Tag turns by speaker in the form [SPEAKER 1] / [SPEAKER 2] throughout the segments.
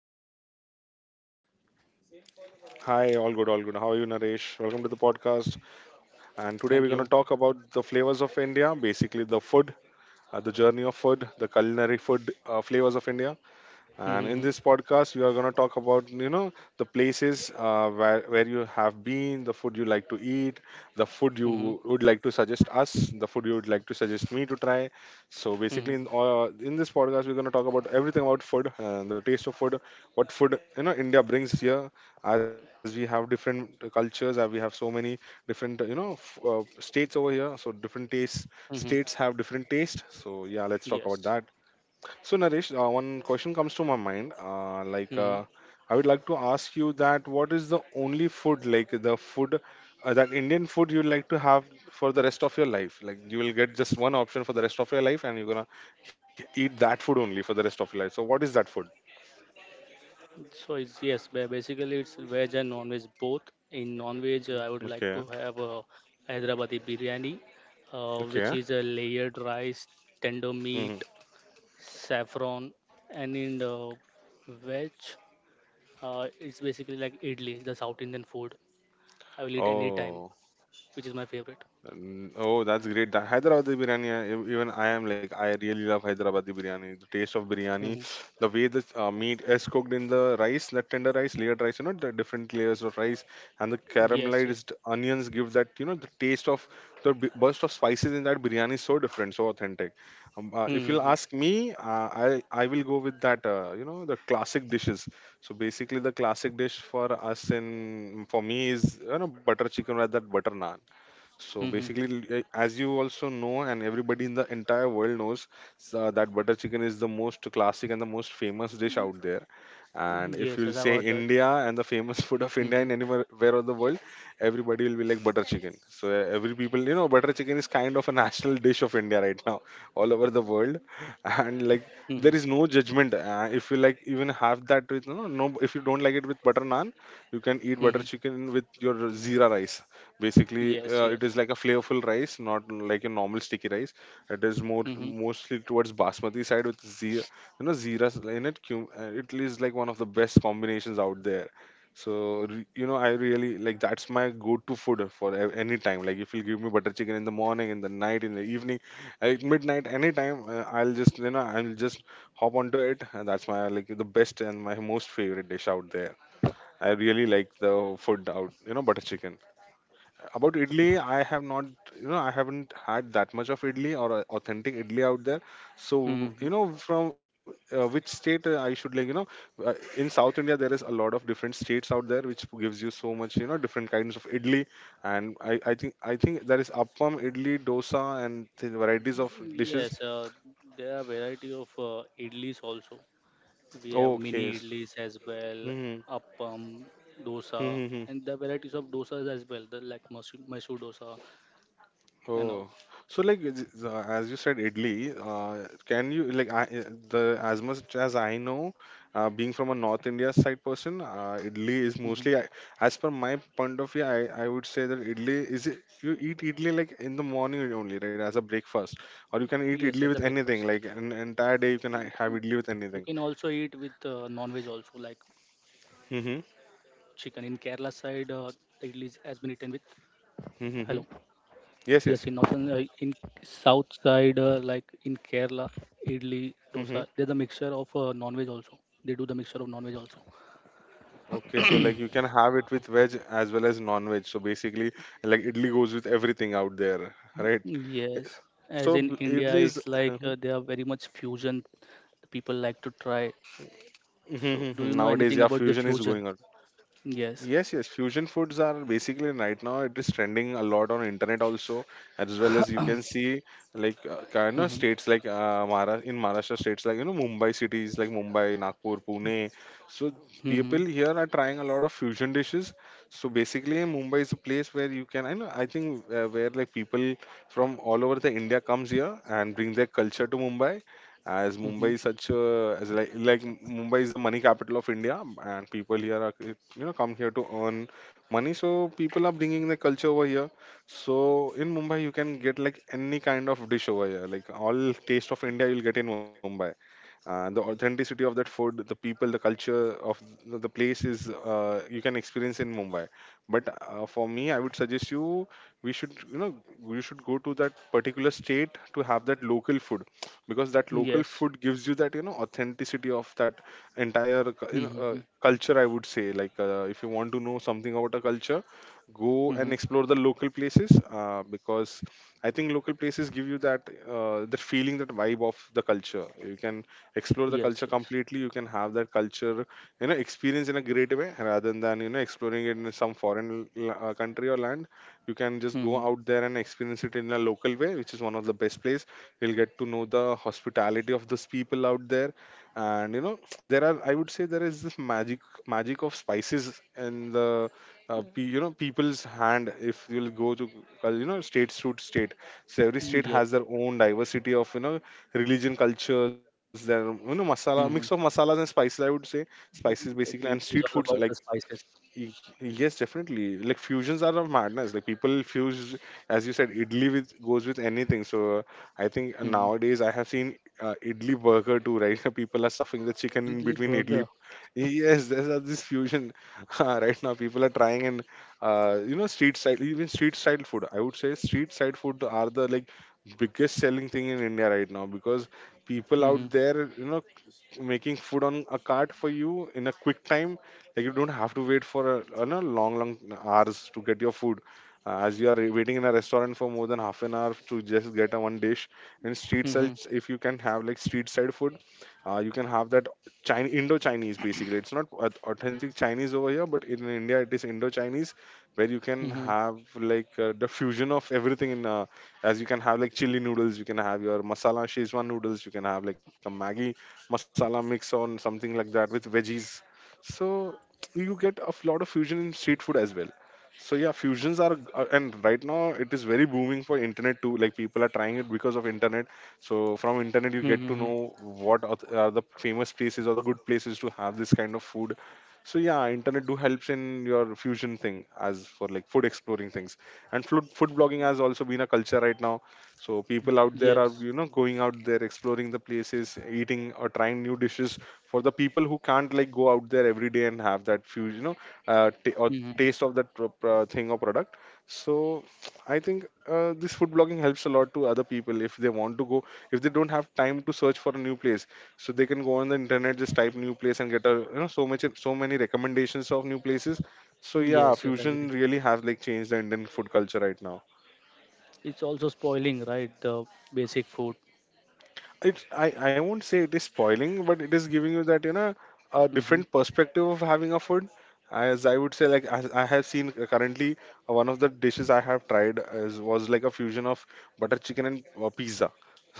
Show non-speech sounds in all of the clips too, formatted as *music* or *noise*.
[SPEAKER 1] hello, Anas. How are you?
[SPEAKER 2] Hi, all good, all good. How are you Naresh? Welcome to the podcast. And today we're going to
[SPEAKER 1] Thank
[SPEAKER 2] talk
[SPEAKER 1] you.
[SPEAKER 2] about the flavors of India, basically the food, the journey of food, the culinary food flavors of India. And in this
[SPEAKER 1] hmm
[SPEAKER 2] podcast, we are going to talk about the places, where you have been, the food you like to eat, the food you
[SPEAKER 1] hmm
[SPEAKER 2] would like to suggest us, the food you would like to suggest me to try. So basically, in
[SPEAKER 1] hmm
[SPEAKER 2] uh, in this podcast, we're going to talk about everything about food, the taste of food, what food India brings here, as we have different cultures, as we have so many different states over here. So different tastes, states
[SPEAKER 1] hmm
[SPEAKER 2] have different taste. So yeah, let's talk about that.
[SPEAKER 1] Yes.
[SPEAKER 2] So, Naresh, one question comes to my mind.
[SPEAKER 1] hmm
[SPEAKER 2] I would like to ask you that what is the only food, like the food, that Indian food you would like to have for the rest of your life? Like, you will get just one option for the rest of your life, and you're gonna eat that food only for the rest of your life. So, what is that food?
[SPEAKER 1] So basically it's veg and non-veg both. In non-veg, I would like
[SPEAKER 2] Okay.
[SPEAKER 1] to have a Hyderabadi biryani, which
[SPEAKER 2] Okay.
[SPEAKER 1] is a layered rice, tender meat,
[SPEAKER 2] Hmm.
[SPEAKER 1] saffron, and in the veg, it's basically like idli, the South Indian food. I will eat any
[SPEAKER 2] Oh.
[SPEAKER 1] time, which is my favorite.
[SPEAKER 2] Mm, oh, that's great. That Hyderabadi biryani, even I am like, I really love Hyderabadi biryani. The taste of biryani,
[SPEAKER 1] hmm
[SPEAKER 2] the way the meat is cooked in the rice, the tender rice, layered rice, you know, the different layers of rice, and the
[SPEAKER 1] Yes, yes.
[SPEAKER 2] caramelized onions give that, you know, the taste of the burst of spices in that biryani is so different, so authentic. If you'll
[SPEAKER 1] hmm
[SPEAKER 2] ask me, I will go with that, you know, the classic dishes. So basically, the classic dish for us in for me is butter chicken rather that butter naan. So
[SPEAKER 1] Mm-hmm.
[SPEAKER 2] basically, as you also know, and everybody in the entire world knows, that butter chicken is the most classic and the most famous dish out there. And
[SPEAKER 1] Yes,
[SPEAKER 2] if
[SPEAKER 1] yes,
[SPEAKER 2] you'll
[SPEAKER 1] I've
[SPEAKER 2] say
[SPEAKER 1] heard that.
[SPEAKER 2] India and the famous *laughs* food of India in
[SPEAKER 1] Mm-hmm.
[SPEAKER 2] anywhere where of the world, everybody will be like butter chicken. So every people, you know, butter chicken is kind of a national dish of India right now, *laughs* all over the world. And like, there
[SPEAKER 1] Mm-hmm.
[SPEAKER 2] is no judgment. If you like, even have that with, you know, no, if you don't like it with butter naan, you can eat butter
[SPEAKER 1] Mm-hmm.
[SPEAKER 2] chicken with your zira rice. Basically
[SPEAKER 1] Yes,
[SPEAKER 2] it is
[SPEAKER 1] yes.
[SPEAKER 2] like a flavorful rice, not like a normal sticky rice. It is more
[SPEAKER 1] Mm-hmm.
[SPEAKER 2] mostly towards basmati side with zira, zira in it. It is like one of the best combinations out there. So, I really like, that's my go-to food for any time. Like if you give me butter chicken in the morning, in the night, in the evening, at midnight, anytime, I'll just I'll just hop onto it, and that's my like the best and my most favorite dish out there. I really like the food, out you know butter chicken. About idli, I have not, you know, I haven't had that much of idli or authentic idli out there. So, you know,
[SPEAKER 1] Mm-hmm.
[SPEAKER 2] from which state I should, like, you know, in South India there is a lot of different states out there which gives you so much, you know, different kinds of idli. And I think there is appam, idli, dosa, and the varieties of dishes.
[SPEAKER 1] Yes, there are variety of idlis also. We have
[SPEAKER 2] Okay.
[SPEAKER 1] mini idlis as well,
[SPEAKER 2] Hmm.
[SPEAKER 1] appam, dosa,
[SPEAKER 2] *laughs*
[SPEAKER 1] and the varieties of dosas as well, the like Mysore dosa and all.
[SPEAKER 2] Oh, so like as you said, idli. Can you like I, The as much as I know, being from a North India side person, idli is
[SPEAKER 1] hmm
[SPEAKER 2] as per my point of view. I would say that idli is it, you eat idli like in the morning only, right, as a breakfast, or you can eat
[SPEAKER 1] Yes,
[SPEAKER 2] idli
[SPEAKER 1] as
[SPEAKER 2] with
[SPEAKER 1] a
[SPEAKER 2] anything.
[SPEAKER 1] breakfast.
[SPEAKER 2] Like an entire day, you can have idli with
[SPEAKER 1] You
[SPEAKER 2] anything.
[SPEAKER 1] can also eat with non-veg also, like chicken. In
[SPEAKER 2] Mm-hmm.
[SPEAKER 1] Kerala side, the idlis has been eaten with. Hello.
[SPEAKER 2] Mm-hmm.
[SPEAKER 1] Yes, in northern,
[SPEAKER 2] Yes, yes.
[SPEAKER 1] in south side, like in Kerala, idli, dosa, there's
[SPEAKER 2] Mm-hmm.
[SPEAKER 1] a mixture of non-veg also. They do the mixture of non-veg also.
[SPEAKER 2] Okay, so like you can have it with veg as well as non-veg. So basically, like idli goes with everything out there, right?
[SPEAKER 1] Yes, as in India,
[SPEAKER 2] Idli is
[SPEAKER 1] it's like they are very much fusion. People like to try. So, do you
[SPEAKER 2] *laughs*
[SPEAKER 1] know
[SPEAKER 2] nowadays,
[SPEAKER 1] anything
[SPEAKER 2] yeah,
[SPEAKER 1] about the
[SPEAKER 2] fusion is
[SPEAKER 1] fusion?
[SPEAKER 2] going on.
[SPEAKER 1] Yes.
[SPEAKER 2] Yes, yes, fusion foods are basically right now it is trending a lot on internet also, as well as you can see, like kind of
[SPEAKER 1] Mm-hmm.
[SPEAKER 2] states like Mara in Maharashtra, states like you know Mumbai, cities like Mumbai, Nagpur, Pune. So
[SPEAKER 1] Mm-hmm.
[SPEAKER 2] people here are trying a lot of fusion dishes. So basically, Mumbai is a place where you can I know I think where like people from all over the India comes here and bring their culture to Mumbai, as Mumbai
[SPEAKER 1] Mm-hmm.
[SPEAKER 2] is such a as like Mumbai is the money capital of India, and people here are you know come here to earn money. So people are bringing the culture over here. So in Mumbai, you can get like any kind of dish over here, like all taste of India you'll get in Mumbai. The authenticity of that food, the people, the culture of the place is you can experience in Mumbai. But for me, I would suggest you we should you know you should go to that particular state to have that local food, because that local
[SPEAKER 1] Yes.
[SPEAKER 2] food gives you that you know authenticity of that entire
[SPEAKER 1] Mm-hmm.
[SPEAKER 2] culture. I would say, like, if you want to know something about a culture, go and
[SPEAKER 1] Mm-hmm.
[SPEAKER 2] explore the local places, because I think local places give you that, that feeling, that vibe of the culture. You can explore the culture
[SPEAKER 1] Yes. Yes.
[SPEAKER 2] completely, you can have that culture, experience in a great way, rather than exploring it in some foreign country or land. You can just go
[SPEAKER 1] Mm-hmm.
[SPEAKER 2] out there and experience it in a local way, which is one of the best place. We'll get to know the hospitality of those people out there, and you know there are I would say there is this magic of spices in the you know people's hand. If you'll go to you know state to state, so every state
[SPEAKER 1] Yes.
[SPEAKER 2] has their own diversity of you know religion, cultures, their you know masala, mix of
[SPEAKER 1] Mm-hmm.
[SPEAKER 2] masalas and spices. I would say spices basically, and
[SPEAKER 1] It's
[SPEAKER 2] street
[SPEAKER 1] all
[SPEAKER 2] foods
[SPEAKER 1] about
[SPEAKER 2] like—
[SPEAKER 1] the spices.
[SPEAKER 2] Yes, definitely. Like fusions are a madness. Like people fuse, as you said, idli with goes with anything. So I think nowadays I have seen idli burger too, right? *laughs* People are stuffing the chicken in
[SPEAKER 1] Idli
[SPEAKER 2] between idli.
[SPEAKER 1] burger.
[SPEAKER 2] Yes, there's this fusion *laughs* right now. People are trying and you know street style, even street style food. I would say street side food are the like biggest selling thing in India right now, because people
[SPEAKER 1] Mm-hmm.
[SPEAKER 2] out there, you know, making food on a cart for you in a quick time, like you don't have to wait for a no, long hours to get your food, as you are waiting in a restaurant for more than half an hour to just get a one dish. And street
[SPEAKER 1] Mm-hmm.
[SPEAKER 2] sides, if you can have like street side food, you can have that China, Indo-Chinese basically. It's not authentic Chinese over here, but in India it is Indo-Chinese, where you can
[SPEAKER 1] Mm-hmm.
[SPEAKER 2] have like the fusion of everything. In As you can have like chili noodles, you can have your masala Szechuan noodles, you can have like a Maggi masala mix on something like that with veggies. So you get a lot of fusion in street food as well. So yeah, fusions are and right now it is very booming for internet too. Like people are trying it because of internet. So from internet you
[SPEAKER 1] Mm-hmm.
[SPEAKER 2] get to know what are are the famous places or the good places to have this kind of food. So yeah, internet do helps in your fusion thing as for like food exploring things. And food blogging has also been a culture right now. So people out there are
[SPEAKER 1] Yes.
[SPEAKER 2] going out there, exploring the places, eating or trying new dishes for the people who can't like go out there every day and have that few you know t- or
[SPEAKER 1] Mm-hmm.
[SPEAKER 2] taste of that thing or product. So I think, this food blogging helps a lot to other people if they want to go, if they don't have time to search for a new place, so they can go on the internet, just type new place and get a so many recommendations of new places. So yeah,
[SPEAKER 1] Yes, yes, I
[SPEAKER 2] fusion
[SPEAKER 1] agree.
[SPEAKER 2] really has like changed the Indian food culture right now.
[SPEAKER 1] It's also spoiling, right? The basic food.
[SPEAKER 2] It's I won't say it is spoiling, but it is giving you that,
[SPEAKER 1] Mm-hmm.
[SPEAKER 2] a different perspective of having a food. As I would say, like as I have seen currently, one of the dishes I have tried was like a fusion of butter chicken and pizza.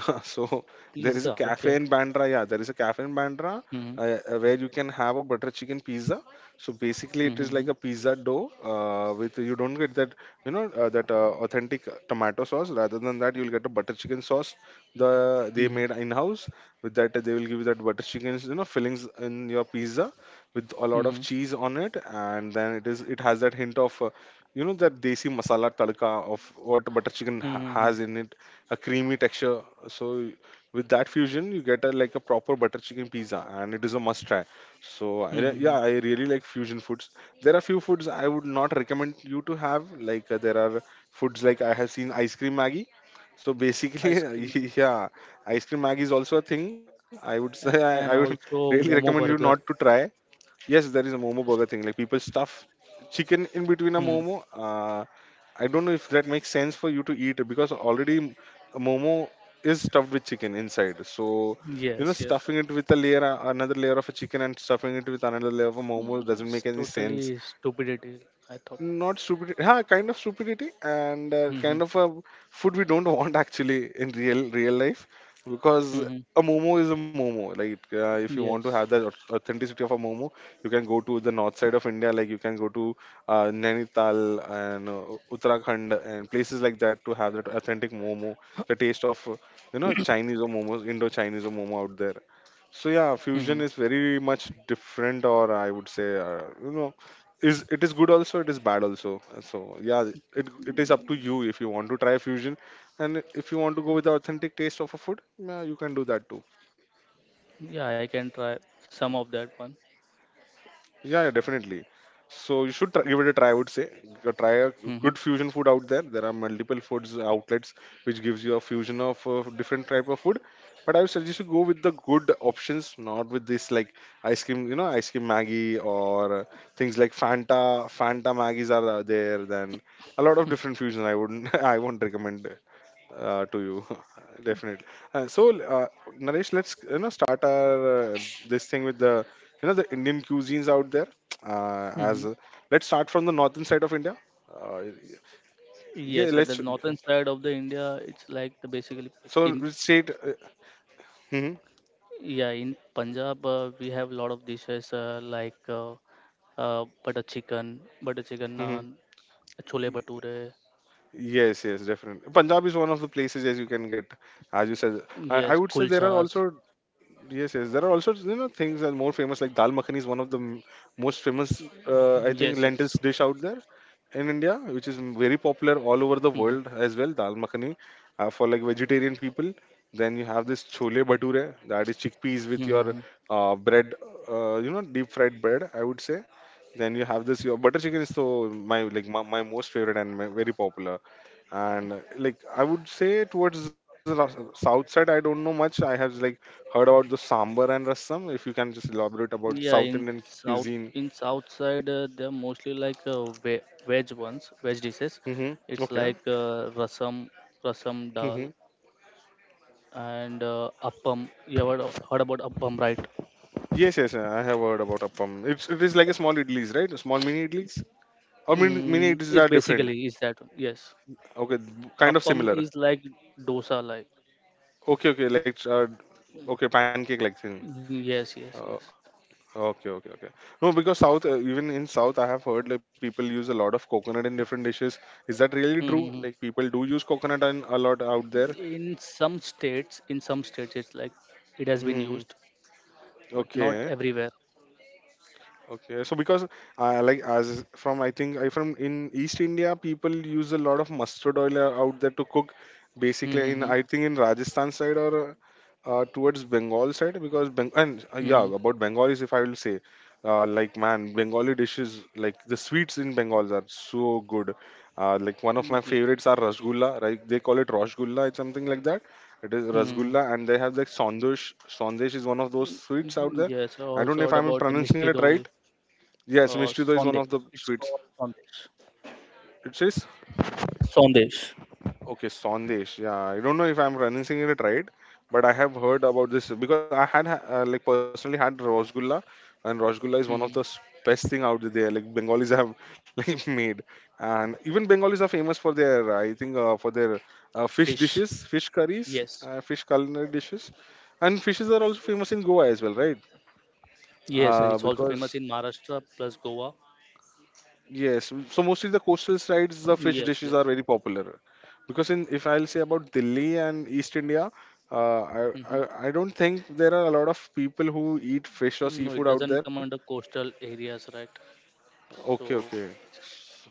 [SPEAKER 2] *laughs* So there
[SPEAKER 1] Pizza,
[SPEAKER 2] is a
[SPEAKER 1] okay.
[SPEAKER 2] cafe in Bandra. Yeah, there is a cafe in Bandra,
[SPEAKER 1] Mm-hmm.
[SPEAKER 2] where you can have a butter chicken pizza. So basically, it is
[SPEAKER 1] Mm-hmm.
[SPEAKER 2] like a pizza dough, with, you don't get that, that authentic tomato sauce. Rather than that, you'll get a butter chicken sauce, they
[SPEAKER 1] Mm-hmm.
[SPEAKER 2] made in house. With that, they will give you that butter chicken fillings in your pizza with a lot
[SPEAKER 1] Mm-hmm.
[SPEAKER 2] of cheese on it, and then it has that hint of, that desi masala tadka of what butter chicken ha-
[SPEAKER 1] Mm-hmm.
[SPEAKER 2] has in it, a creamy texture. So with that fusion, you get a like a proper butter chicken pizza, and it is a must try. So,
[SPEAKER 1] Mm-hmm.
[SPEAKER 2] yeah, I really like fusion foods. There are few foods I would not recommend you to have, like, there are foods like I have seen ice cream maggie. So basically,
[SPEAKER 1] Ice cream,
[SPEAKER 2] *laughs*
[SPEAKER 1] Milo.
[SPEAKER 2] yeah, ice cream Maggi is also a thing. I would say,
[SPEAKER 1] And
[SPEAKER 2] I would
[SPEAKER 1] also
[SPEAKER 2] *laughs* really
[SPEAKER 1] Momo
[SPEAKER 2] recommend
[SPEAKER 1] burger.
[SPEAKER 2] you not to try. Yes, there is a momo burger thing. Like, people stuff chicken in between
[SPEAKER 1] Mm-hmm.
[SPEAKER 2] a momo. I don't know if that makes sense for you to eat, because already a momo is stuffed with chicken inside. So,
[SPEAKER 1] Yes, yes.
[SPEAKER 2] stuffing it with a layer, another layer of a chicken, and stuffing it with another layer of a momo
[SPEAKER 1] Mm,
[SPEAKER 2] doesn't
[SPEAKER 1] it's
[SPEAKER 2] make any sense.
[SPEAKER 1] totally stupidity, I thought.
[SPEAKER 2] Not stupidity, yeah, kind of stupidity, and
[SPEAKER 1] Mm-hmm.
[SPEAKER 2] kind of a food we don't *laughs* want actually in real real life. Because
[SPEAKER 1] Mm-hmm.
[SPEAKER 2] a momo is a momo, like, if you want to have
[SPEAKER 1] Yes.
[SPEAKER 2] the authenticity of a momo, you can go to the north side of India, like you can go to Nainital and Uttarakhand, and places like that to have that authentic momo, the taste of, Chinese or momos, Indo Chinese or momo out there. So yeah,
[SPEAKER 1] Mm-hmm.
[SPEAKER 2] fusion is very much different, or I would say, is it is good also, it is bad also. So yeah, it, it is up to you if you want to try fusion, and if you want to go with the authentic taste of a food, yeah, you can do that too.
[SPEAKER 1] Yeah, I can try some of that one.
[SPEAKER 2] Yeah, yeah, definitely. So you should try, give it a try, I would say. Go try a
[SPEAKER 1] Mm-hmm.
[SPEAKER 2] good fusion food out there. There are multiple foods outlets which gives you a fusion of different type of food. But I would suggest you go with the good options, not with this like ice cream. Ice cream Maggie, or things like Fanta. Fanta Maggies are there. Then a lot of different fusion. I wouldn't. *laughs* I won't recommend, to you, *laughs* definitely. uh, so uh, Naresh, let's start our, this thing with the you know the Indian cuisines out there,
[SPEAKER 1] Mm-hmm.
[SPEAKER 2] as, let's start from the northern side of India. uh, yeah,
[SPEAKER 1] Yes, at the
[SPEAKER 2] let's,
[SPEAKER 1] northern side of the India, it's like the
[SPEAKER 2] so
[SPEAKER 1] basically
[SPEAKER 2] which state,
[SPEAKER 1] in
[SPEAKER 2] mhm,
[SPEAKER 1] Punjab we have a lot of dishes butter chicken
[SPEAKER 2] mhm.
[SPEAKER 1] naan, chole bhature.
[SPEAKER 2] Yes, yes, definitely, Punjab is one of the places as you can get, as you said. i,
[SPEAKER 1] Yes,
[SPEAKER 2] I would say there are
[SPEAKER 1] kulchas.
[SPEAKER 2] also, yes, yes, there are also things that are more famous, like dal makhani is one of the most famous,
[SPEAKER 1] Yes,
[SPEAKER 2] I
[SPEAKER 1] yes.
[SPEAKER 2] think, lentils dish out there in India, which is very popular all over
[SPEAKER 1] Mm-hmm.
[SPEAKER 2] the world as well. Dal makhani, for like vegetarian people. Then you have this chole bhature, that is chickpeas with
[SPEAKER 1] Mm-hmm.
[SPEAKER 2] your, bread, deep fried bread, I would say. Then you have this your butter chicken is so my, like my most favorite and my, very popular. And, like I would say towards the south side, I don't know much. I have like heard about the sambar and rasam. If you can just elaborate about
[SPEAKER 1] Yeah,
[SPEAKER 2] South
[SPEAKER 1] in
[SPEAKER 2] Indian cuisine.
[SPEAKER 1] south side they're mostly like veg ones, veg dishes.
[SPEAKER 2] Mm-hmm.
[SPEAKER 1] It's
[SPEAKER 2] Okay.
[SPEAKER 1] like rasam, rasam dal, and appam. You ever heard about appam, right?
[SPEAKER 2] Yes, yes, I have heard about appam. It is like a small idlis, right? Small mini idlis, or mini, mini
[SPEAKER 1] Mm,
[SPEAKER 2] idlis
[SPEAKER 1] it's
[SPEAKER 2] are different.
[SPEAKER 1] basically is that one. Yes.
[SPEAKER 2] Okay, kind of
[SPEAKER 1] Appam
[SPEAKER 2] similar.
[SPEAKER 1] is like dosa, like
[SPEAKER 2] Okay, okay, like, okay, pancake like thing.
[SPEAKER 1] mm, yes, yes,
[SPEAKER 2] Uh,
[SPEAKER 1] yes.
[SPEAKER 2] okay, okay, okay. No, because South, even in South, I have heard like people use a lot of coconut in different dishes. Is that really true?
[SPEAKER 1] hmm
[SPEAKER 2] Like, people do use coconut and a lot out there.
[SPEAKER 1] In some states, it's like it has been
[SPEAKER 2] Mm-hmm.
[SPEAKER 1] used, but not
[SPEAKER 2] Okay.
[SPEAKER 1] everywhere.
[SPEAKER 2] Okay, so because, like, as from I think I from in East India, people use a lot of mustard oil, out there to cook. Basically, in,
[SPEAKER 1] Mm-hmm.
[SPEAKER 2] I think in Rajasthan side, or towards Bengal side, because Beng and yeah,
[SPEAKER 1] Mm-hmm.
[SPEAKER 2] about Bengalis, if I will say, like, man, Bengali dishes like the sweets in Bengal are so good. Like, one of my
[SPEAKER 1] Yeah.
[SPEAKER 2] favorites are rasgulla, right? They call it rasgulla, it's something like that. It is
[SPEAKER 1] Mm-hmm.
[SPEAKER 2] rasgulla, and they have like sandesh. Sandesh is one of those sweets out
[SPEAKER 1] Mhm,
[SPEAKER 2] there.
[SPEAKER 1] yes, I
[SPEAKER 2] I don't know
[SPEAKER 1] also
[SPEAKER 2] if
[SPEAKER 1] heard
[SPEAKER 2] I'm
[SPEAKER 1] about the
[SPEAKER 2] pronouncing
[SPEAKER 1] Mishti
[SPEAKER 2] it
[SPEAKER 1] Doi,
[SPEAKER 2] right. Yes, Mishti doi is one
[SPEAKER 1] Sondesh.
[SPEAKER 2] of the
[SPEAKER 1] It's
[SPEAKER 2] sweets.
[SPEAKER 1] called Sondesh.
[SPEAKER 2] It says
[SPEAKER 1] Sondesh.
[SPEAKER 2] okay, Sandesh. Yeah, I don't know if I'm pronouncing it right, but I have heard about this because I had like personally had Rosgulla, and Rosgulla is one of
[SPEAKER 1] hmm
[SPEAKER 2] the best thing out there. Like Bengalis have *laughs* like made, and even Bengalis are famous for their, I think, for their fish
[SPEAKER 1] Fish,
[SPEAKER 2] dishes, fish curries,
[SPEAKER 1] yes.
[SPEAKER 2] fish culinary dishes, and fishes are also famous in Goa as well, right?
[SPEAKER 1] Yes, yes, it's also famous
[SPEAKER 2] Because,
[SPEAKER 1] in Maharashtra plus Goa.
[SPEAKER 2] yes, so mostly the coastal sides, the fish
[SPEAKER 1] Yes,
[SPEAKER 2] dishes
[SPEAKER 1] yes.
[SPEAKER 2] are very popular, because in if I'll say about Delhi and East India, I, I
[SPEAKER 1] hmm
[SPEAKER 2] I don't think there are a lot of people who eat fish or
[SPEAKER 1] No,
[SPEAKER 2] seafood
[SPEAKER 1] it
[SPEAKER 2] out
[SPEAKER 1] doesn't
[SPEAKER 2] there.
[SPEAKER 1] come under coastal areas, right?
[SPEAKER 2] Okay,
[SPEAKER 1] So
[SPEAKER 2] okay.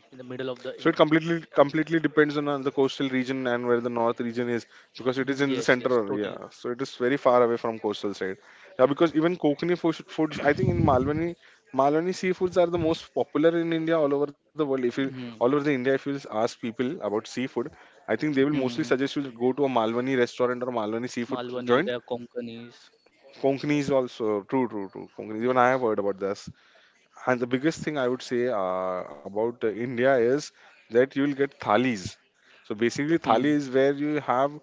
[SPEAKER 1] in the middle of the
[SPEAKER 2] So
[SPEAKER 1] in
[SPEAKER 2] it completely depends on the coastal region, and where the north region is, because it is in the
[SPEAKER 1] yes, yes,
[SPEAKER 2] center.
[SPEAKER 1] totally.
[SPEAKER 2] Yeah, so it is very far away from coastal side. Yeah, because even Konkani foods, I think, in Malwani, Malwani seafoods are the most popular in India all over the world. If you, all
[SPEAKER 1] hmm
[SPEAKER 2] over the India, if you just ask people about seafood, I think they will mostly
[SPEAKER 1] hmm
[SPEAKER 2] suggest you to go to a Malwani restaurant or Malwani seafood
[SPEAKER 1] Malwani, they
[SPEAKER 2] joint.
[SPEAKER 1] are Konkanis.
[SPEAKER 2] Konkani is also true, true, true.
[SPEAKER 1] Yes.
[SPEAKER 2] Konkani. Even I have heard about this. And the biggest thing I would say, about, India is that you will get thalis. So basically,
[SPEAKER 1] hmm
[SPEAKER 2] thali is where you have,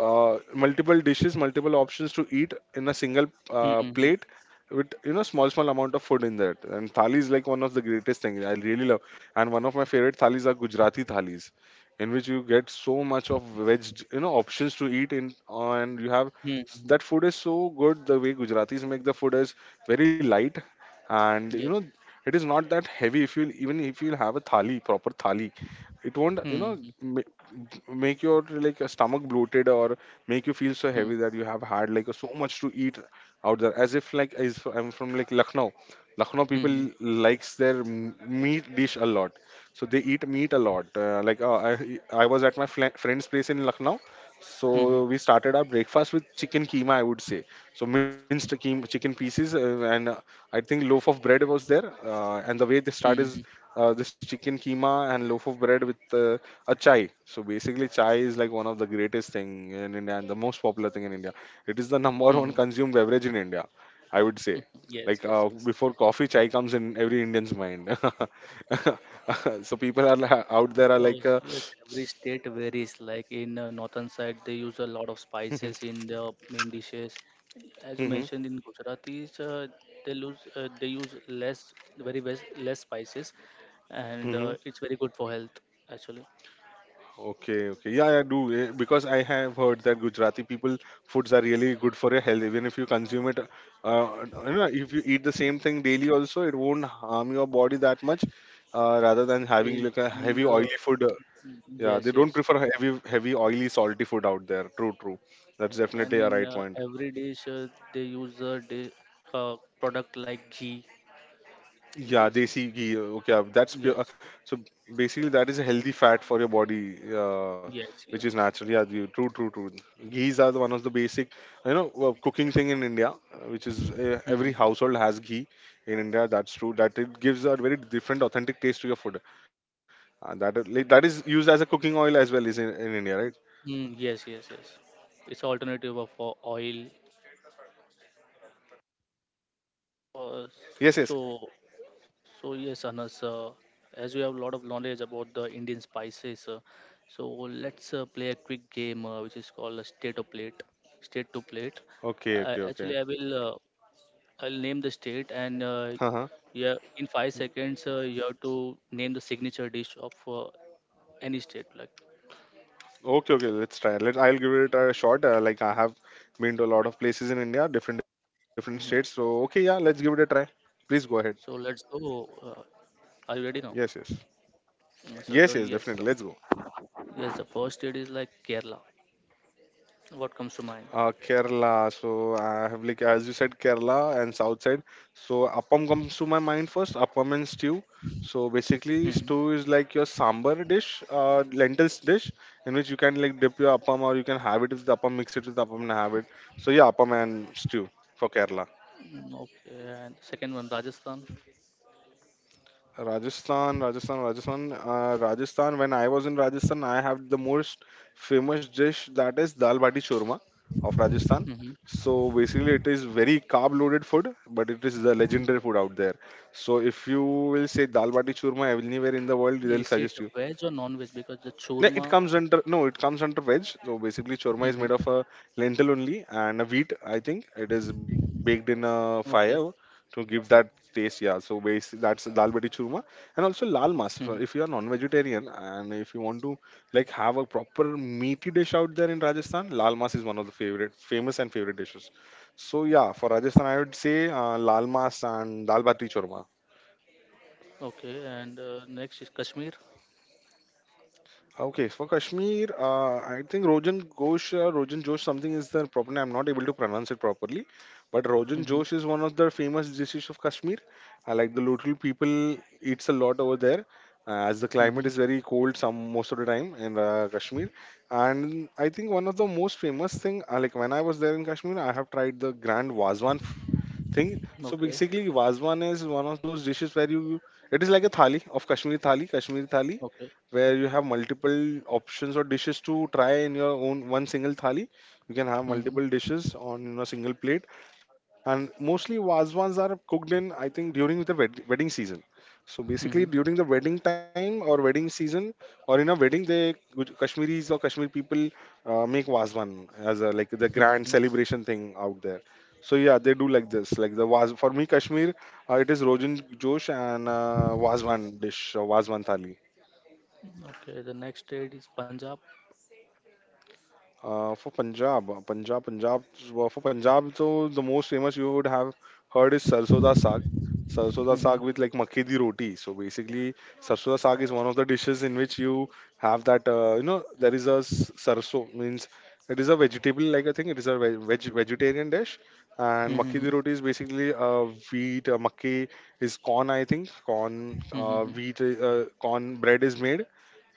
[SPEAKER 2] multiple dishes, multiple options to eat in a single,
[SPEAKER 1] hmm
[SPEAKER 2] plate with, small small amount of food in that. And thali is like one of the greatest things I really love. And one of my favorite thalis are Gujarati thalis, in which you get so much of veg, options to eat in, and you have,
[SPEAKER 1] hmm
[SPEAKER 2] that food is so good. The way Gujaratis make the food is very light, and,
[SPEAKER 1] Yes.
[SPEAKER 2] it is not that heavy. If you even if you have a thali, proper thali, it won't,
[SPEAKER 1] hmm hmm
[SPEAKER 2] make your, like, a stomach bloated or make you feel so heavy that you have had like so much to eat out there. As if like, as I'm from like Lucknow. Lucknow people
[SPEAKER 1] hmm
[SPEAKER 2] likes their meat dish a lot, so they eat meat a lot, like, I was at my friend's place in Lucknow,
[SPEAKER 1] hmm hmm
[SPEAKER 2] so we started our breakfast with chicken keema, I would say. So, minced chicken pieces, and I think loaf of bread was there. And the way they start
[SPEAKER 1] hmm
[SPEAKER 2] is, this chicken keema and loaf of bread with, a chai. So basically, chai is like one of the greatest thing in India and the most popular thing in India. It is the *laughs* number one
[SPEAKER 1] hmm
[SPEAKER 2] consumed beverage in India, I would say.
[SPEAKER 1] Yes,
[SPEAKER 2] Like,
[SPEAKER 1] yes, yes.
[SPEAKER 2] before coffee, chai comes in every Indian's mind. *laughs* So people are out there are
[SPEAKER 1] Oh,
[SPEAKER 2] like.
[SPEAKER 1] so yes, every state varies. Like in northern side, they use a lot of spices
[SPEAKER 2] *laughs*
[SPEAKER 1] in the main dishes. As you
[SPEAKER 2] Mhm,
[SPEAKER 1] mentioned, in Gujaratis, they use less, very less, less spices, and
[SPEAKER 2] mhm,
[SPEAKER 1] it's very good for health actually.
[SPEAKER 2] okay, okay. Yeah, I do. Because I have heard that Gujarati people foods are really good for your health. Even if you consume it, uh, if you eat the same thing daily also, it won't harm your body that much. Rather than having
[SPEAKER 1] In
[SPEAKER 2] like a
[SPEAKER 1] and
[SPEAKER 2] heavy oily food. Yeah,
[SPEAKER 1] yes,
[SPEAKER 2] they
[SPEAKER 1] yes,
[SPEAKER 2] don't prefer heavy oily salty food out there. True, true. That's
[SPEAKER 1] and
[SPEAKER 2] definitely a
[SPEAKER 1] in
[SPEAKER 2] right point.
[SPEAKER 1] every dish they use a product like ghee.
[SPEAKER 2] Yeah,
[SPEAKER 1] It's-
[SPEAKER 2] desi ghee. Okay, that's
[SPEAKER 1] yes,
[SPEAKER 2] pure. So basically, that is a healthy fat for your body,
[SPEAKER 1] yes,
[SPEAKER 2] which is
[SPEAKER 1] yes.
[SPEAKER 2] natural. Yeah, true, true, true. Ghees are the one of the basic, cooking thing in India, which is
[SPEAKER 1] Mhm.
[SPEAKER 2] every household has ghee in India. That's true. That it gives a very different, authentic taste to your food. And like, that is used as a cooking oil as well, is in India, right?
[SPEAKER 1] Mm, yes, yes, yes. It's alternative of oil. Uh,
[SPEAKER 2] Yes,
[SPEAKER 1] so,
[SPEAKER 2] yes.
[SPEAKER 1] so yes, Anas. As you have a lot of knowledge about the Indian spices, so let's play a quick game which is called a state of plate. State to plate.
[SPEAKER 2] Okay, okay,
[SPEAKER 1] Actually, I
[SPEAKER 2] okay.
[SPEAKER 1] will. I'll name the state, and
[SPEAKER 2] Uh huh.
[SPEAKER 1] yeah, in 5 seconds, you have to name the signature dish of any state. Like,
[SPEAKER 2] Okay, okay, let's try. Let I'll give it a shot. Like I have been to a lot of places in India, different different
[SPEAKER 1] mhm.
[SPEAKER 2] states. So okay, yeah, let's give it a try. Please go
[SPEAKER 1] So
[SPEAKER 2] ahead.
[SPEAKER 1] let's go. Uh, are you ready now?
[SPEAKER 2] Yes, yes,
[SPEAKER 1] Mm, So the
[SPEAKER 2] yes, yes,
[SPEAKER 1] Yes.
[SPEAKER 2] definitely. Let's go.
[SPEAKER 1] Yes, the first state is like Kerala. What comes to mind?
[SPEAKER 2] Kerala. So I have like as you said, Kerala and south side. So appam comes to my mind first. Appam and stew. So basically,
[SPEAKER 1] Mhm.
[SPEAKER 2] stew is like your sambar dish, lentils dish, in which you can like dip your appam or you can have it with the appam, mix it with the appam and have it. So yeah, appam and stew for Kerala.
[SPEAKER 1] Mm, okay, and second one, Rajasthan.
[SPEAKER 2] Rajasthan, Rajasthan, Rajasthan, Rajasthan. When I was in Rajasthan, I have the most famous dish that is dal bati churma of Rajasthan.
[SPEAKER 1] hmm
[SPEAKER 2] So basically, it is very carb-loaded food, but it is the legendary food out there. So if you will say dal bati churma anywhere in the world, they'll
[SPEAKER 1] Is it
[SPEAKER 2] suggest you.
[SPEAKER 1] veg or non-veg? Because the
[SPEAKER 2] No, it
[SPEAKER 1] churma.
[SPEAKER 2] comes under no, it comes under veg. So basically, chorma is
[SPEAKER 1] hmm
[SPEAKER 2] made of a lentil only and a wheat. I think it is baked in a fire
[SPEAKER 1] Okay.
[SPEAKER 2] to give that taste. Yeah. So basically, that's dal bati churma and also lal mas. If
[SPEAKER 1] hmm
[SPEAKER 2] if you are non-vegetarian and if you want to like have a proper meaty dish out there in Rajasthan, lal mas is one of the favorite, famous and favorite dishes. So yeah, for Rajasthan, I would say lal mas and dal bati churma.
[SPEAKER 1] Okay, and next is Kashmir.
[SPEAKER 2] Okay, for Kashmir, I think Rogan Ghosh, Rogan Josh, something is the proper name. I'm not able to pronounce it properly, but Rogan
[SPEAKER 1] hmm
[SPEAKER 2] Josh is one of the famous dishes of Kashmir. I like the local people eats a lot over there, as the climate
[SPEAKER 1] hmm
[SPEAKER 2] is very cold some most of the time in Kashmir. And I think one of the most famous thing, like when I was there in Kashmir, I have tried the Grand Wazwan thing. So
[SPEAKER 1] Okay.
[SPEAKER 2] basically, Vazwan is one of those dishes where you it is like a thali of Kashmiri thali,
[SPEAKER 1] Okay.
[SPEAKER 2] where you have multiple options or dishes to try in your own one single thali. You can have
[SPEAKER 1] hmm
[SPEAKER 2] multiple dishes on a single plate, and mostly Vazwans are cooked in I think during the wedding season. So basically,
[SPEAKER 1] hmm
[SPEAKER 2] during the wedding time or wedding season, or in a wedding, they Kashmiris or Kashmiri people make Vazwan as a like the grand
[SPEAKER 1] hmm
[SPEAKER 2] celebration thing out there. So yeah, they do like this. Like the was for me Kashmir, it is Rogan Josh and Wazwan dish or Wazwan thali.
[SPEAKER 1] Okay, the next state is Punjab.
[SPEAKER 2] For Punjab, Punjab, Punjab, well, for Punjab, so the most famous you would have heard is Sarson da Saag. Sarson da Saag
[SPEAKER 1] hmm
[SPEAKER 2] with like makki di roti. So basically, Sarson da Saag is one of the dishes in which you have that, you know, there is a sarso, means it is a vegetable like a thing. It is a veg, veg vegetarian dish. And makki di
[SPEAKER 1] hmm
[SPEAKER 2] roti is basically wheat, makki is corn, I think, corn,
[SPEAKER 1] hmm hmm
[SPEAKER 2] wheat, corn bread is made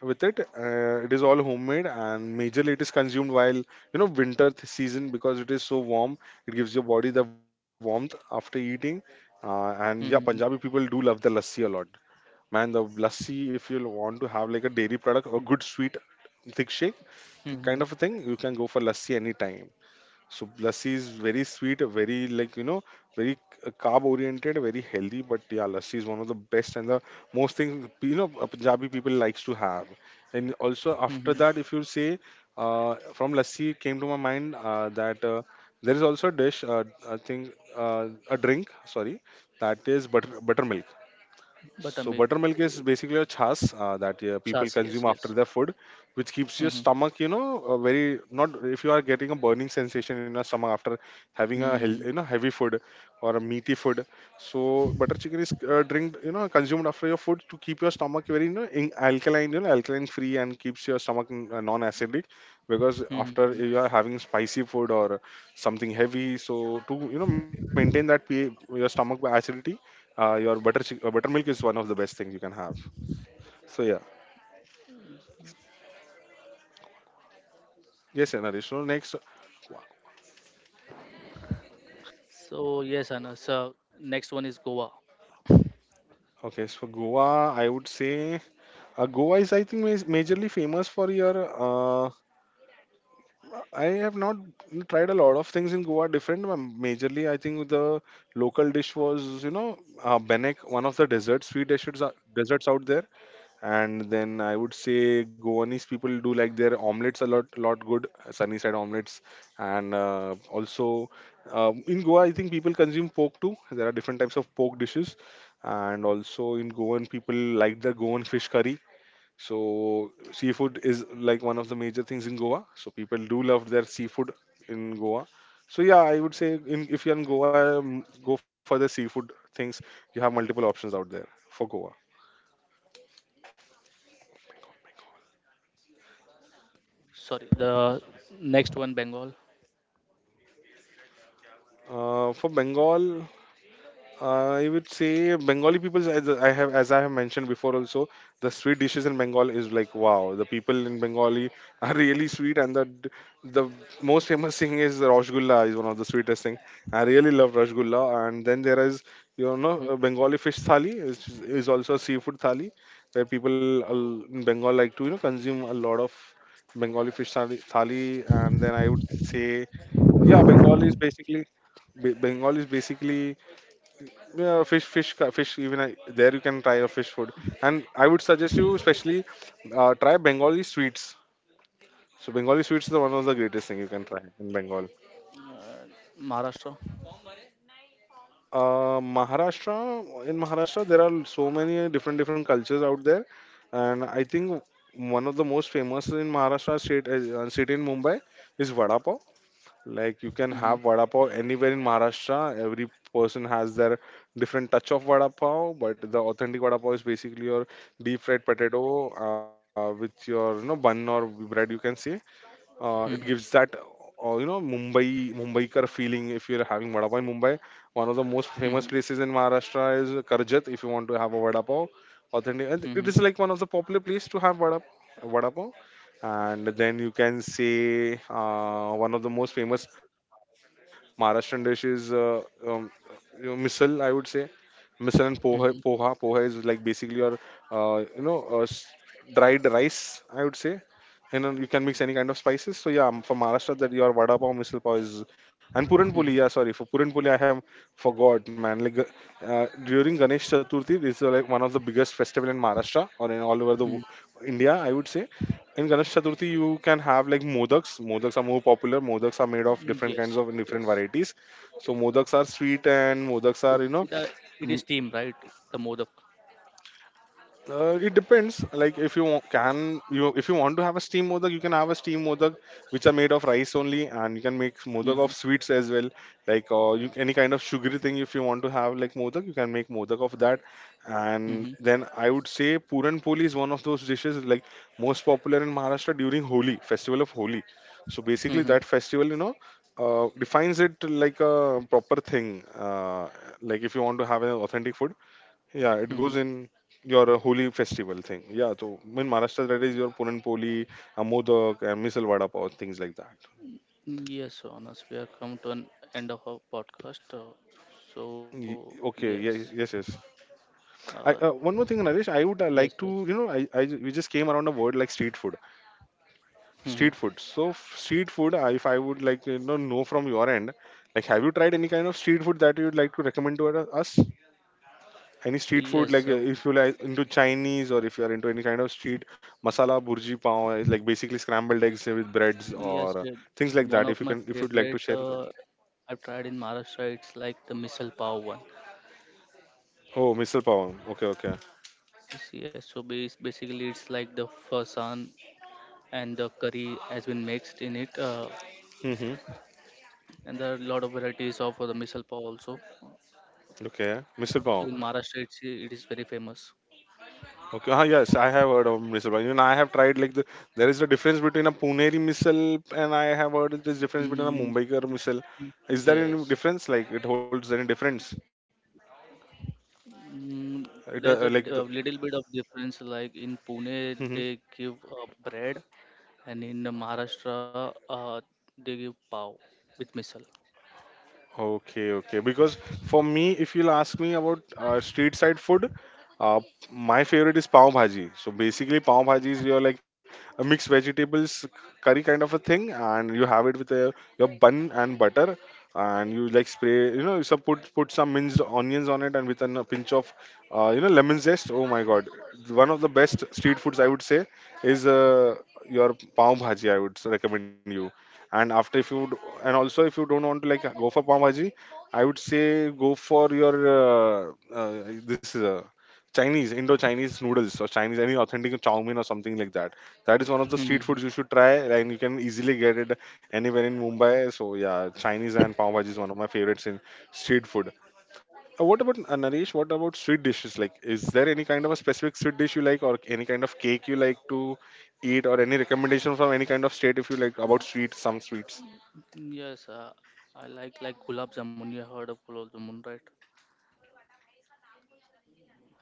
[SPEAKER 2] with it. It is all homemade and majorly it is consumed while you know winter season because it is so warm. It gives your body the warmth after eating. And yeah, Punjabi people do love the lassi a lot. Man, the lassi if you want to have like a dairy product or good sweet thick shake
[SPEAKER 1] hmm
[SPEAKER 2] kind of a thing, you can go for lassi anytime. So lassi is very sweet, very like you know, very carb oriented, very healthy. But yeah, lassi is one of the best and the most thing you know Punjabi people likes to have. And also after
[SPEAKER 1] hmm
[SPEAKER 2] that, if you say from lassi came to my mind that there is also a dish, I think a drink, sorry, that is buttermilk,
[SPEAKER 1] But I
[SPEAKER 2] so
[SPEAKER 1] mean,
[SPEAKER 2] buttermilk is basically a chas that people
[SPEAKER 1] chas,
[SPEAKER 2] consume
[SPEAKER 1] yes,
[SPEAKER 2] after
[SPEAKER 1] yes.
[SPEAKER 2] their food, which keeps your
[SPEAKER 1] Mm-hmm.
[SPEAKER 2] stomach, you know, very not if you are getting a burning sensation in your stomach after having a you
[SPEAKER 1] Hmm.
[SPEAKER 2] know heavy food or a meaty food. So butter chicken is drink you know consumed after your food to keep your stomach very you know in alkaline, you know alkaline free and keeps your stomach non-acidic because
[SPEAKER 1] Hmm. Hmm.
[SPEAKER 2] after you are having spicy food or something heavy, so to you know maintain that pH, your stomach acidity your buttermilk is one of the best things you can have. So yeah, yes, yeah, Naresh. So next,
[SPEAKER 1] So yes, Anna. So next one is Goa.
[SPEAKER 2] okay, so for Goa, I would say Goa is I think majorly famous for your. I have not tried a lot of things in Goa different. But majorly, I think the local dish was you know benek, one of the dessert sweet dishes desserts out there. And then I would say Goanese people do like their omelets a lot good, sunny side omelets, and also in Goa, I think people consume pork too. There are different types of pork dishes, and also in Goan, people like the Goan fish curry. So seafood is like one of the major things in Goa. So people do love their seafood in Goa. So yeah, I would say in, if you're in Goa, go for the seafood things. You have multiple options out there for Goa.
[SPEAKER 1] Sorry, the next one Bengal.
[SPEAKER 2] For Bengal, I would say Bengali people, as I have mentioned before, also the sweet dishes in Bengal is like wow. The people in Bengali *laughs* are really sweet, and the most famous thing is Rasgulla is one of the sweetest thing. I really love Rasgulla, and then there is you know no,
[SPEAKER 1] Mhm.
[SPEAKER 2] Bengali fish thali which is also a seafood thali where people in Bengal like to you know consume a lot of Bengali fish thali, thali, and then I would say yeah, Bengal is basically Bengal is basically yeah, fish, fish, fish. Even I, there you can try a fish food, and I would suggest you especially try Bengali sweets. So Bengali sweets is one of the greatest thing you can try in Bengal.
[SPEAKER 1] Uh, Maharashtra.
[SPEAKER 2] Maharashtra, in Maharashtra, there are so many different different cultures out there, and I think one of the most famous in Maharashtra state city in Mumbai is vada pav. Like you can
[SPEAKER 1] Mm-hmm.
[SPEAKER 2] have vada pav anywhere in Maharashtra. Every person has their different touch of vada pav, but the authentic vada pav is basically your deep fried potato with your you know bun or bread. You can say it gives
[SPEAKER 1] Mm-hmm.
[SPEAKER 2] that you know Mumbai Mumbaikar feeling if you're having vada pav in Mumbai. One of the most famous
[SPEAKER 1] Mm-hmm.
[SPEAKER 2] places in Maharashtra is Karjat if you want to have a vada pav. Authentic, and it
[SPEAKER 1] Mm-hmm.
[SPEAKER 2] is like one of the popular place to have vada pav. And then you can say one of the most famous Maharashtrian dishes, um, you know, misal. I would say misal and poha. Poha,
[SPEAKER 1] Mm-hmm.
[SPEAKER 2] poha is like basically your you know dried rice. I would say and then you can mix any kind of spices. So yeah, for Maharashtra, that your vada pav, misal pav is and puran puli.
[SPEAKER 1] Mm-hmm.
[SPEAKER 2] Yeah, sorry for puran puli, I have forgot, man. Like during Ganesh Chaturthi, this is like one of the biggest festival in Maharashtra or in all over the India, I would say. In Ganesh Chaturthi, you can have like modaks. Modaks are more popular. Modaks are made of
[SPEAKER 1] Mm-hmm.
[SPEAKER 2] different kinds
[SPEAKER 1] Yes,
[SPEAKER 2] of
[SPEAKER 1] yes.
[SPEAKER 2] different varieties. So modaks are sweet and
[SPEAKER 1] It,
[SPEAKER 2] modaks are you
[SPEAKER 1] it,
[SPEAKER 2] know.
[SPEAKER 1] uh, it is team, right? The Modak.
[SPEAKER 2] It depends. Like if you if you want to have a steam modak, you can have a steam modak, which are made of rice only, and you can make modak of
[SPEAKER 1] Mm-hmm.
[SPEAKER 2] sweets as well. Like you, any kind of sugary thing, if you want to have like modak, you can make modak of that. And
[SPEAKER 1] Mm-hmm.
[SPEAKER 2] then I would say puran poli is one of those dishes like most popular in Maharashtra during Holi, festival of Holi. So basically,
[SPEAKER 1] Mm-hmm.
[SPEAKER 2] that festival defines it like a proper thing. Like if you want to have an authentic food, yeah, it goes
[SPEAKER 1] Mm-hmm.
[SPEAKER 2] in your holy festival thing. Yeah, so in Maharashtra, that is your Puran Poli, Modak, and Misal Vada Pav, things like that.
[SPEAKER 1] Yes, so Anas, we have come to an end of our podcast.
[SPEAKER 2] Y-
[SPEAKER 1] So
[SPEAKER 2] okay, yeah,
[SPEAKER 1] yes,
[SPEAKER 2] yes, yes.
[SPEAKER 1] uh,
[SPEAKER 2] One more thing, Naresh, I would
[SPEAKER 1] yes,
[SPEAKER 2] like
[SPEAKER 1] yes.
[SPEAKER 2] to, we just came around a word like street food.
[SPEAKER 1] Mm-hmm.
[SPEAKER 2] Street food. So, street food, if I would like to know from your end, like, have you tried any kind of street food that you would like to recommend to us? Any street
[SPEAKER 1] Yes,
[SPEAKER 2] food like
[SPEAKER 1] so
[SPEAKER 2] if you like into chinese, or if you are into any kind of street, masala burji pav is like basically scrambled eggs with breads, or
[SPEAKER 1] yes,
[SPEAKER 2] uh,
[SPEAKER 1] yeah.
[SPEAKER 2] things like
[SPEAKER 1] One
[SPEAKER 2] that,
[SPEAKER 1] of
[SPEAKER 2] if
[SPEAKER 1] my
[SPEAKER 2] you can, if you'd like
[SPEAKER 1] favorite
[SPEAKER 2] to share it.
[SPEAKER 1] I've tried in Maharashtra. It's like the misal pav one.
[SPEAKER 2] Oh, misal pav, okay, okay.
[SPEAKER 1] Yes, yes. So basically, it's like the fasan and the curry has been mixed in it,
[SPEAKER 2] Mm-hmm.
[SPEAKER 1] and there are a lot of varieties of the misal pav also.
[SPEAKER 2] Okay, misal pav,
[SPEAKER 1] So in Maharashtra, it is very famous.
[SPEAKER 2] okay. Ah, yes, I have heard of misal pav. Even I have tried like the, there is a difference between a puneri misal, and I have heard there is difference between a
[SPEAKER 1] Mm,
[SPEAKER 2] mumbaikar misal. Is there any
[SPEAKER 1] yes.
[SPEAKER 2] difference, like it holds any difference?
[SPEAKER 1] Mm,
[SPEAKER 2] It
[SPEAKER 1] there's a
[SPEAKER 2] like the.
[SPEAKER 1] a little bit of difference. Like in Pune,
[SPEAKER 2] Mm-hmm.
[SPEAKER 1] they give bread, and in Maharashtra, they give pav with misal.
[SPEAKER 2] Okay, okay. Because for me, if you'll ask me about street side food, uh, my favorite is pav bhaji. So basically, pav bhaji is your like a mixed vegetables curry kind of a thing, and you have it with a, your bun and butter, and you like spray, you know, so put some minced onions on it, and with a pinch of, you know, lemon zest. Oh my God, one of the best street foods, I would say, is your pav bhaji. I would recommend you. and after if you d- and also, if you don't want to like go for pav bhaji, I would say go for your uh, this is a chinese, indo chinese noodles, or chinese any authentic chow mein or something like that. That is one of the street foods you
[SPEAKER 1] Mhm.
[SPEAKER 2] should try, and you can easily get it anywhere in Mumbai. So yeah, chinese and pav bhaji is one of my favorites in street food. What about Naresh? What about sweet dishes? Like, is there any kind of a specific sweet dish you like, or any kind of cake you like to eat, or any recommendation from any kind of state if you like about sweet, some sweets?
[SPEAKER 1] Yes, I like gulab jamun. You have heard of gulab jamun, right?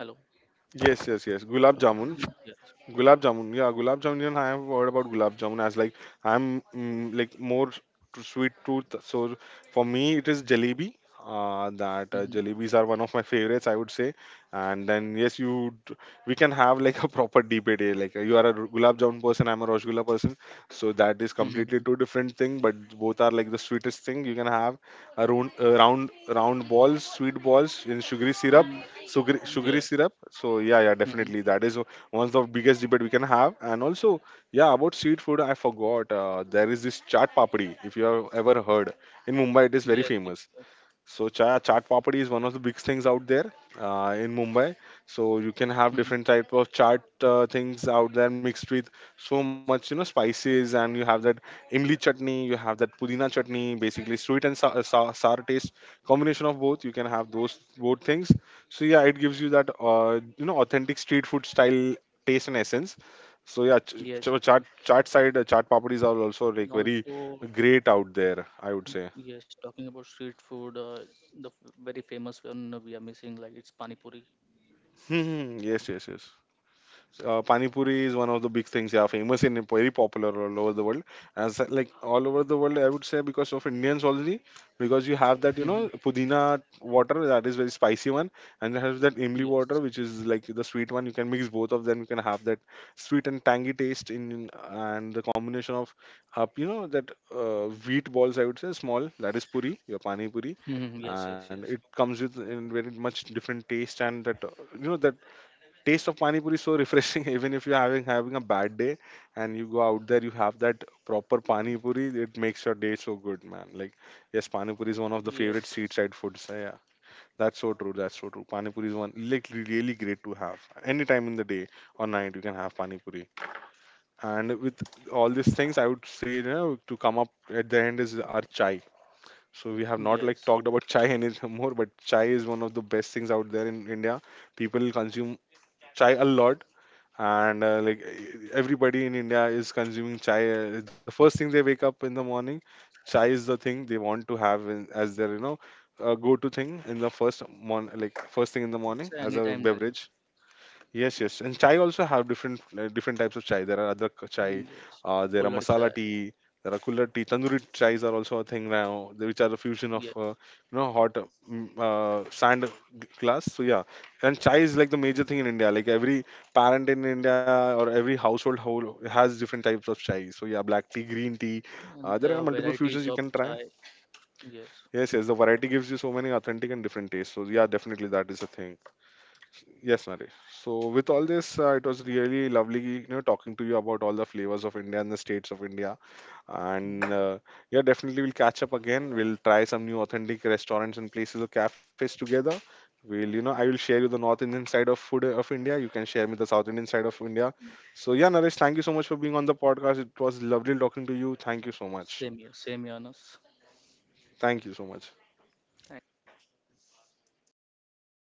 [SPEAKER 1] Hello.
[SPEAKER 2] Yes, yes, yes. Gulab jamun.
[SPEAKER 1] Yes.
[SPEAKER 2] Gulab jamun, yeah, gulab jamun. Even I have heard about gulab jamun. As like I'm like more to sweet tooth. So for me, it is jalebi. That
[SPEAKER 1] Mm-hmm.
[SPEAKER 2] Jalebis are one of my favorites, I would say. And then yes, we can have like a proper debate here. Like you are a gulab jamun person, I'm a rasgulla person. So that is completely two
[SPEAKER 1] Mm-hmm.
[SPEAKER 2] different thing, but both are like the sweetest thing you can have. A round balls, sweet balls in sugary syrup,
[SPEAKER 1] Mm-hmm.
[SPEAKER 2] sugary
[SPEAKER 1] Yes.
[SPEAKER 2] syrup. So yeah, yeah, definitely
[SPEAKER 1] Mm-hmm.
[SPEAKER 2] that is one's the biggest debate we can have. And also, yeah, about street food, I forgot. There is this chaat papdi. If you have ever heard, in Mumbai, it is very
[SPEAKER 1] Yes.
[SPEAKER 2] famous.
[SPEAKER 1] Yes. Yes.
[SPEAKER 2] So chaat papadi is one of the big things out there in Mumbai. So you can have
[SPEAKER 1] Mhm.
[SPEAKER 2] different type of chaat things out there, mixed with so much, you know, spices, and you have that imli chutney, you have that pudina chutney, basically sweet and sour, sour taste, combination of both. You can have those both things. So yeah, it gives you that you know, authentic street food style taste and essence. So yeah, ch- ch-
[SPEAKER 1] Yes.
[SPEAKER 2] chaat chaat side uh, chaat papadis are also like
[SPEAKER 1] And
[SPEAKER 2] very
[SPEAKER 1] also,
[SPEAKER 2] great out there, I would say.
[SPEAKER 1] Yes, talking about street food, very famous one we are missing, like it's pani puri.
[SPEAKER 2] *laughs* Yes, yes, yes. Pani puri is one of the big things, yeah, famous and very popular all over the world. As like all over the world, I would say, because of indians only. Because you have that, you know,
[SPEAKER 1] Mhm.
[SPEAKER 2] pudina water, that is very spicy one, and you have that imli water,
[SPEAKER 1] Yes.
[SPEAKER 2] which is like the sweet one. You can mix both of them, you can have that sweet and tangy taste in, and the combination of, you know, that wheat balls, I would say, small, that is puri, your pani puri.
[SPEAKER 1] Mhm. Yes,
[SPEAKER 2] And
[SPEAKER 1] yes,
[SPEAKER 2] it
[SPEAKER 1] yes.
[SPEAKER 2] comes with in very much different taste, and that you know that taste of pani puri is so refreshing. *laughs* Even if you're having a bad day and you go out there, you have that proper pani puri, it makes your day so good, man. Like, yes, pani puri is one of the
[SPEAKER 1] Yes,
[SPEAKER 2] favorite street
[SPEAKER 1] yes.
[SPEAKER 2] side foods. So, yeah, that's so true, that's so true, pani puri is one like really great to have anytime in the day or night. You can have pani puri. And with all these things, I would say, you know, to come up at the end is our chai. So we have not like
[SPEAKER 1] Yes.
[SPEAKER 2] talked about chai any *laughs* more, but chai is one of the best things out there in India. People consume chai a lot. And everybody in India is consuming chai. The first thing they wake up in the morning, chai is the thing they want to have in, as their, you know, go-to thing in the first mon like first thing in the morning
[SPEAKER 1] It's an
[SPEAKER 2] as a
[SPEAKER 1] anytime drink.
[SPEAKER 2] beverage. Yes, yes, and chai also have different different types of chai. There are adrak chai,
[SPEAKER 1] Mm, yes.
[SPEAKER 2] there are
[SPEAKER 1] Cooler
[SPEAKER 2] masala
[SPEAKER 1] chai.
[SPEAKER 2] tea, there are cooler tea. Tandoori chais are also a thing now, which are a fusion of
[SPEAKER 1] Yes.
[SPEAKER 2] you know, hot sand glass. So yeah, and chai is like the major thing in India. Like every parent in India or every household whole has different types of chai. So yeah, black tea, green tea.
[SPEAKER 1] And
[SPEAKER 2] There
[SPEAKER 1] there
[SPEAKER 2] are
[SPEAKER 1] are
[SPEAKER 2] multiple fusions
[SPEAKER 1] varieties
[SPEAKER 2] you
[SPEAKER 1] of
[SPEAKER 2] can try.
[SPEAKER 1] chai. Yes.
[SPEAKER 2] Yes, yes, the variety gives you so many authentic and different tastes. So yeah, definitely that is a thing. Yes, Naresh. So with all this, it was really lovely, you know, talking to you about all the flavors of India and the states of India. And
[SPEAKER 1] Mhm.
[SPEAKER 2] yeah, definitely we'll catch up again. We'll try some new authentic restaurants and places or cafes together. We'll, you know, I will share you the North Indian side of food of India. You can share me the South Indian side of India. So yeah, Naresh, thank you so much for being on the podcast. It was lovely talking to you. Thank you so much.
[SPEAKER 1] Same here, Anas.
[SPEAKER 2] Thank you so much.